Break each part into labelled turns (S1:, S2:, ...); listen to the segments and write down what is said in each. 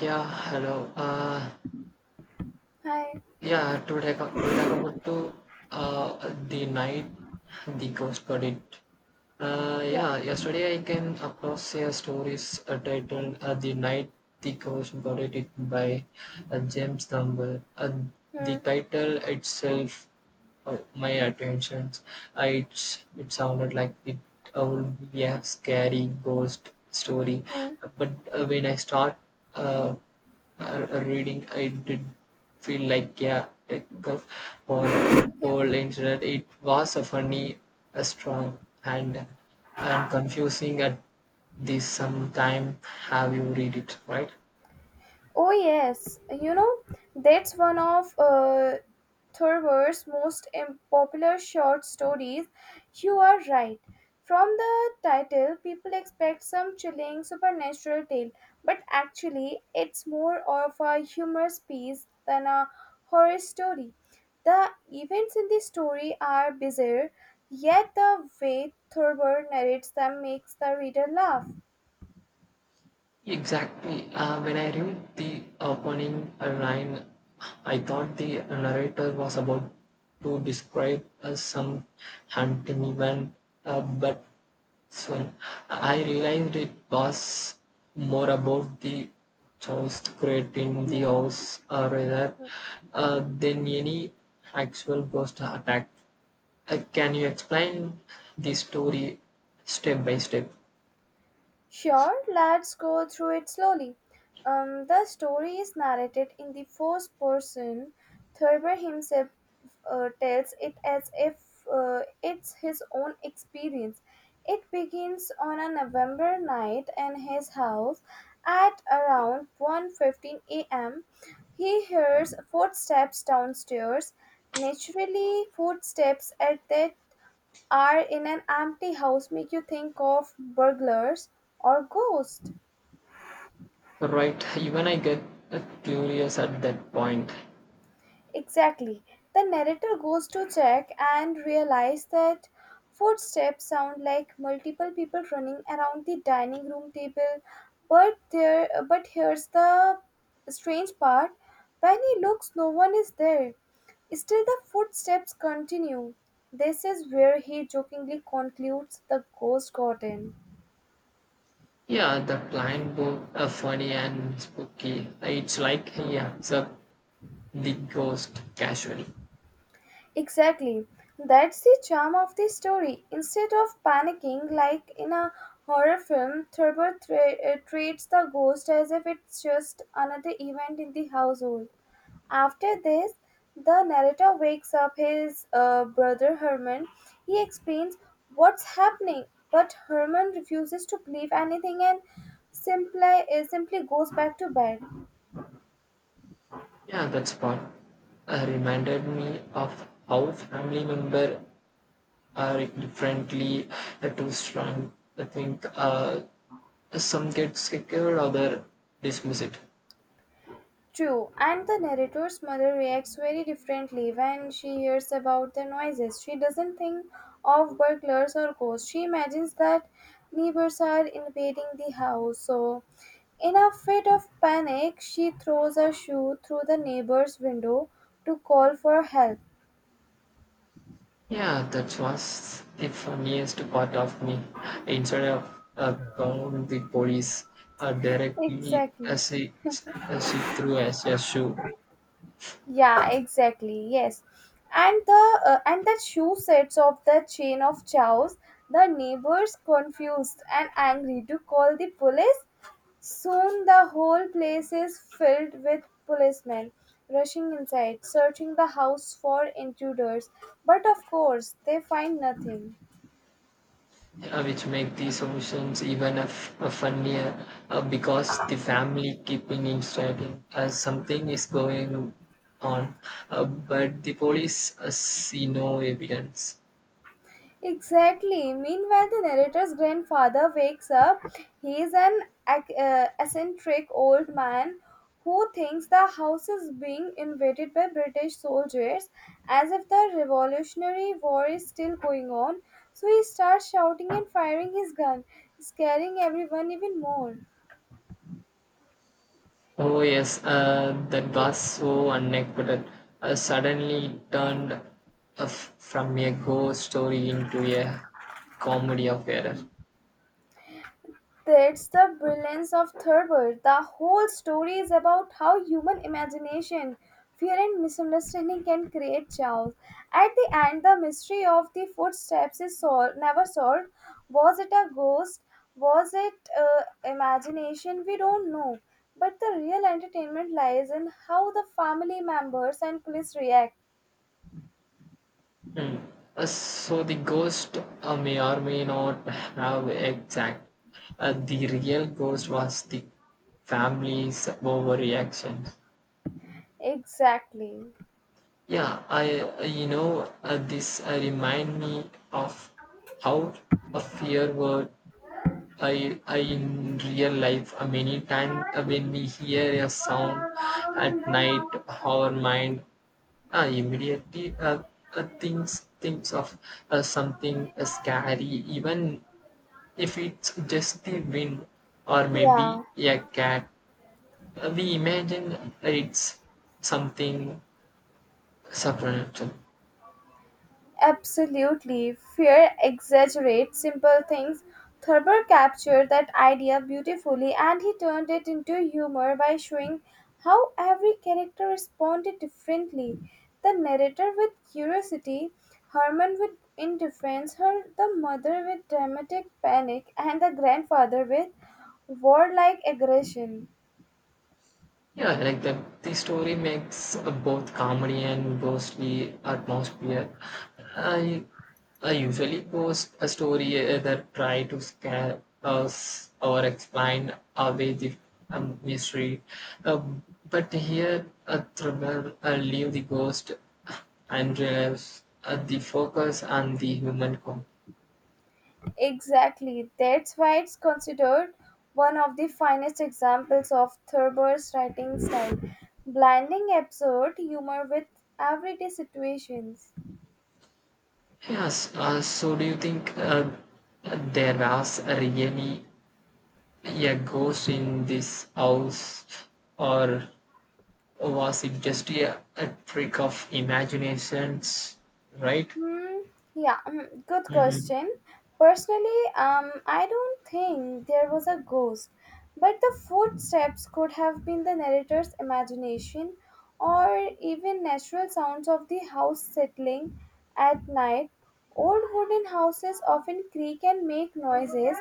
S1: Yeah, hello.
S2: Hi.
S1: Yeah, to talk about to uh, the night the ghost got it.
S2: Yeah.
S1: Yeah, yesterday I came across a stories titled "The Night the Ghost Got It" by James Campbell.
S2: Hmm.
S1: The title itself Oh, my attention! It sounded like it would be a scary ghost story,
S2: Hmm.
S1: but when I start uh, reading, I did feel like yeah, a cuff or a
S2: Yeah.
S1: toll incident. It was a funny, a strong, and confusing at this some time. Have you read it right?
S2: Oh yes. You know that's one of Thorber's most popular short stories. You are right. From the title, people expect some chilling supernatural tale, but actually, it's more of a humorous piece than a horror story. The events in the story are bizarre, yet the way Thorber narrates them makes the reader laugh.
S1: Exactly. When I read the opening line, I thought the narrator was about to describe some hunting event, but soon I realized it was more about the joust creating
S2: Hmm.
S1: the
S2: Hmm.
S1: house rather than any actual ghost attack. Can you explain the story step by step?
S2: Sure, let's go through it slowly. The story is narrated in the first person. Thurber himself tells it as if it's his own experience. It begins on a November night in his house at around 1:15 a.m. He hears footsteps downstairs. Naturally, footsteps at that are in an empty house make you think of burglars or ghosts.
S1: Right, even I get curious at that point.
S2: Exactly. The narrator goes to check and realize that footsteps sound like multiple people running around the dining room table. But here's the strange part. When he looks no one is there. Still the footsteps continue. This is where he jokingly concludes the ghost got in.
S1: Yeah, the blind book are funny and spooky. It's like he observed the ghost casually.
S2: Exactly. That's the charm of the story. Instead of panicking like in a horror film, Thurber treats the ghost as if it's just another event in the household. After this, the narrator wakes up his brother Herman. He explains what's happening, but Herman refuses to believe anything and simply goes back to bed.
S1: Yeah, that's part. Reminded me of how family member are differently too strong. I think some get scared, other dismiss it.
S2: True, and the narrator's mother reacts very differently when she hears about the noises. She doesn't think of burglars or ghosts. She imagines that neighbors are invading the house. So, in a fit of panic, she throws a shoe through the neighbor's window to call for help.
S1: Yeah, that was the funniest part of me. Instead of calling the police, directly
S2: Exactly.
S1: she threw us a shoe,
S2: Yeah, exactly. Yes, and the shoe sets of the chain of chows. The neighbors, confused and angry, to call the police. Soon the whole place is filled with policemen rushing inside, searching the house for intruders. But of course, they find nothing.
S1: which make the solutions even a funnier because the family keeping instructing something is going on, but the police see no evidence.
S2: Exactly. Meanwhile, the narrator's grandfather wakes up. He is an eccentric old man who thinks the house is being invaded by British soldiers as if the Revolutionary War is still going on. So he starts shouting and firing his gun, scaring everyone even more.
S1: Oh yes, that was so unexpected. Suddenly it turned from a ghost story into a comedy of error.
S2: That's the brilliance of Thurber. The whole story is about how human imagination, fear, and misunderstanding can create chaos. At the end, the mystery of the footsteps is never solved. Was it a ghost? Was it imagination? We don't know. But the real entertainment lies in how the family members and police react.
S1: Hmm. So the ghost may or may not have exact. The real ghost was the family's overreaction.
S2: Exactly.
S1: Yeah, I you know this remind me of how a fear word I in real life many times when we hear a sound at night our mind immediately thinks of something scary even if it's just the wind or maybe
S2: Yeah.
S1: a cat we imagine it's something supernatural.
S2: Absolutely. Fear exaggerates simple things. Thurber captured that idea beautifully and he turned it into humor by showing how every character responded differently. The narrator with curiosity, Herman with indifference, her the mother with dramatic panic, and the grandfather with warlike aggression.
S1: Yeah, like the story makes both comedy and ghostly atmosphere. I I usually post a story that try to scare us or explain away the mystery, um, but here a thriller leave the ghost and relieves the focus on the human con.
S2: Exactly. That's why it's considered one of the finest examples of Thurber's writing style, blending absurd humor with everyday situations.
S1: Yes, so do you think there was really a ghost in this house or was it just a trick of imaginations right.
S2: Hmm. Yeah, good
S1: Mhm.
S2: question. Personally, I don't think there was a ghost, but the footsteps could have been the narrator's imagination or even natural sounds of the house settling at night. Old wooden houses often creak and make noises,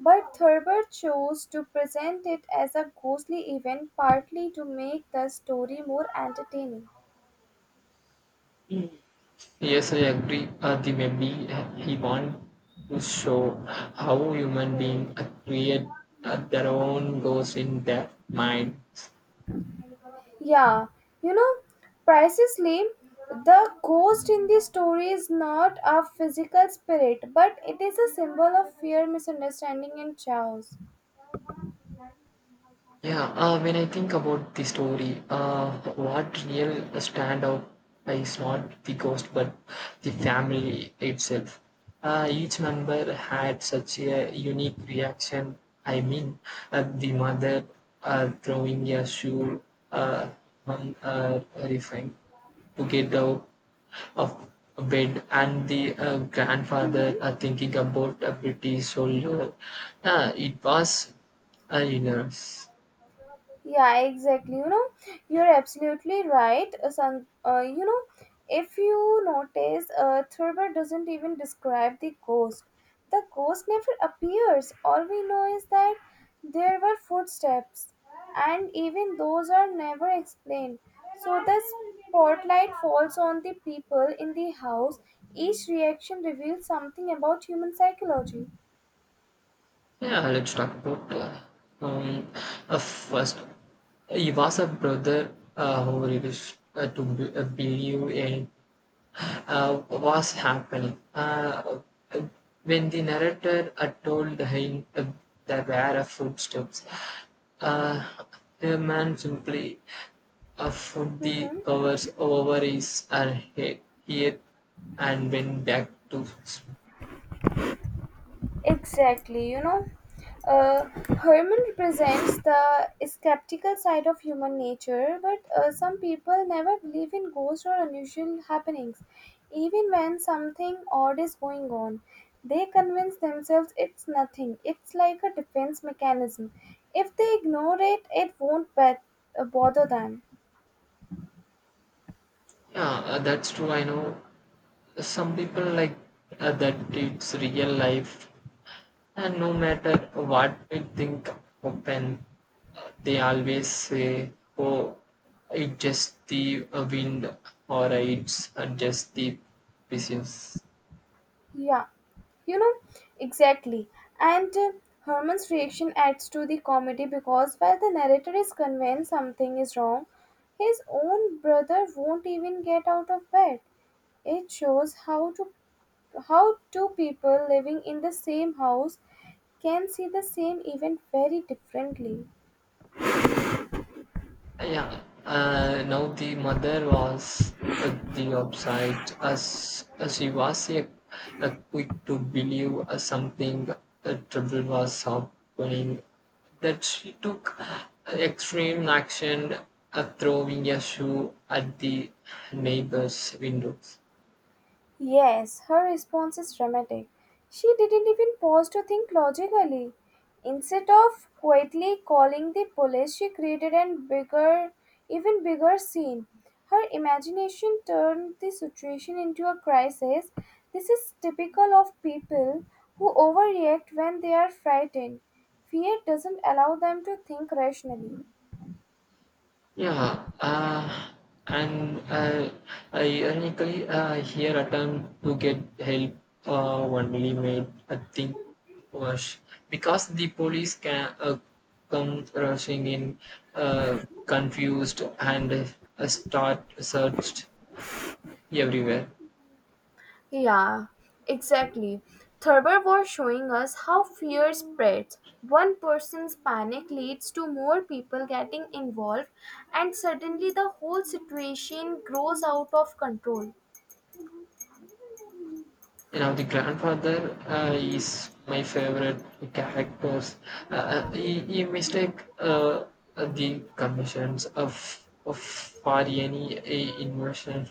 S2: but Thurber chose to present it as a ghostly event partly to make the story more entertaining.
S1: Yes, I agree, the maybe he want to show how human
S2: Hmm.
S1: beings create their own ghosts in their minds.
S2: Yeah, you know, precisely the ghost in the story is not a physical spirit, but it is a symbol of fear, misunderstanding, and chaos.
S1: Yeah, when I think about the story, what real stand out is not the ghost but the family itself. Each member had such a unique reaction. I mean, the mother throwing a shoe uh, on refined to get out of bed and the
S2: Mhm.
S1: grandfather thinking about a British soldier. It was you.
S2: Yeah, exactly. You know, you're absolutely right. San, you know, if you notice, Thurber doesn't even describe the ghost. The ghost never appears. All we know is that there were footsteps, and even those are never explained. So the spotlight falls on the people in the house. Each reaction reveals something about human psychology.
S1: Yeah, let's talk about um, first. He was a brother who refused to believe in was happening. Uh, when the narrator told him there were footsteps, uh, the man simply put the
S2: Mm-hmm.
S1: covers over his head and went back to.
S2: Exactly, you know. Uh, Herman represents the skeptical side of human nature, but some people never believe in ghosts or unusual happenings. Even when something odd is going on, they convince themselves it's nothing. It's like a defense mechanism. If they ignore it, it won't bother them.
S1: Yeah, that's true. I know some people like that it's real life and no matter what we think open they always say oh it's just the wind or it's just the business.
S2: Yeah, you know, exactly. And Herman's reaction adds to the comedy because while the narrator is convinced something is wrong, his own brother won't even get out of bed. It shows how two people living in the same house can see the same event very differently.
S1: Yeah, now the mother was the upside, as she was a quick to believe something trouble was happening, that she took extreme action, throwing a shoe at the neighbor's windows.
S2: Yes, her response is dramatic. She didn't even pause to think logically. Instead of quietly calling the police, she created an even bigger scene. Her imagination turned the situation into a crisis. This is typical of people who overreact when they are frightened. Fear doesn't allow them to think rationally.
S1: Yeah, and ironically, here attempt to get help only made a thing worse because the police can come rushing in, uh, confused and start searched everywhere.
S2: Yeah, exactly. Thurber was showing us how fear spreads. One person's panic leads to more people getting involved, and suddenly the whole situation grows out of control.
S1: You know, the grandfather is my favorite characters. He mistake the conditions of for any a invasion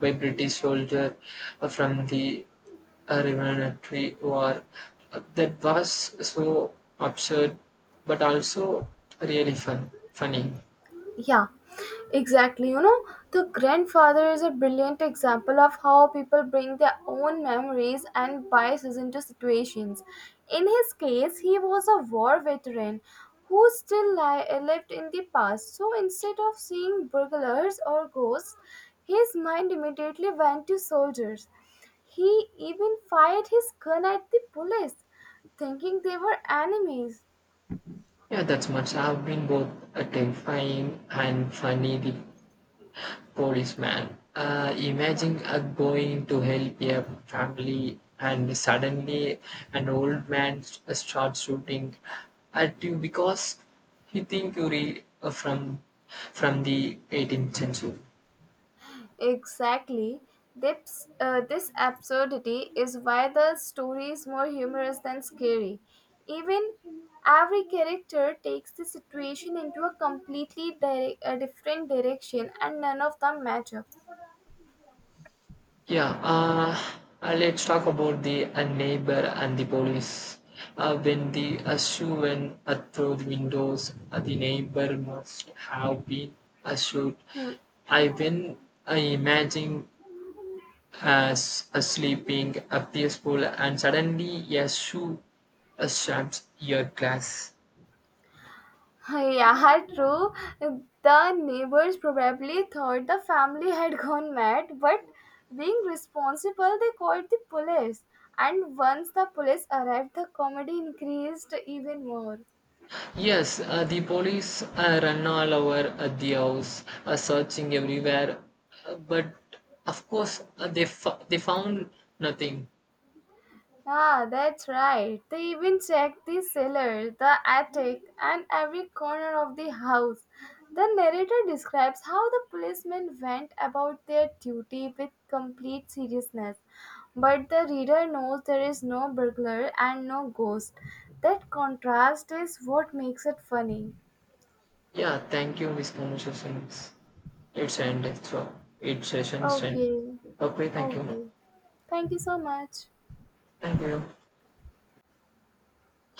S1: by British soldier from the Revolutionary War. That was so absurd, but also really funny.
S2: Yeah, exactly. You know, the grandfather is a brilliant example of how people bring their own memories and biases into situations. In his case, he was a war veteran who still lived in the past. So instead of seeing burglars or ghosts, his mind immediately went to soldiers. He even fired his gun at the police, thinking they were enemies.
S1: Yeah, that's much. I've been both terrifying and funny. The policeman.
S2: Yeah.
S1: Imagine going to help a family and suddenly an old man starts shooting at you because he think you read from the 18th century.
S2: Exactly. This absurdity is why the story is more humorous than scary. Even every character takes the situation into a completely a different direction and none of them match up.
S1: Yeah, let's talk about the neighbor and the police. When the shoe went through the windows, the neighbor must have been a shoot.
S2: Hmm.
S1: I when I imagine as a sleeping, a peaceful, and suddenly a shoe stamps your glass.
S2: Yeah, true. The neighbors probably thought the family had gone mad, but being responsible, they called the police. And once the police arrived, the comedy increased even more.
S1: Yes, the police run all over the house, searching everywhere, but of course they they found nothing.
S2: Ah, that's right. They even checked the cellar, the attic, and every corner of the house. The narrator describes how the policemen went about their duty with complete seriousness. But the reader knows there is no burglar and no ghost. That contrast is what makes it funny.
S1: Yeah, thank you, Miss Conversations. It's ended. So it's session's end.
S2: Okay,
S1: Okay, thank you.
S2: okay. Thank you so much.
S1: Thank you.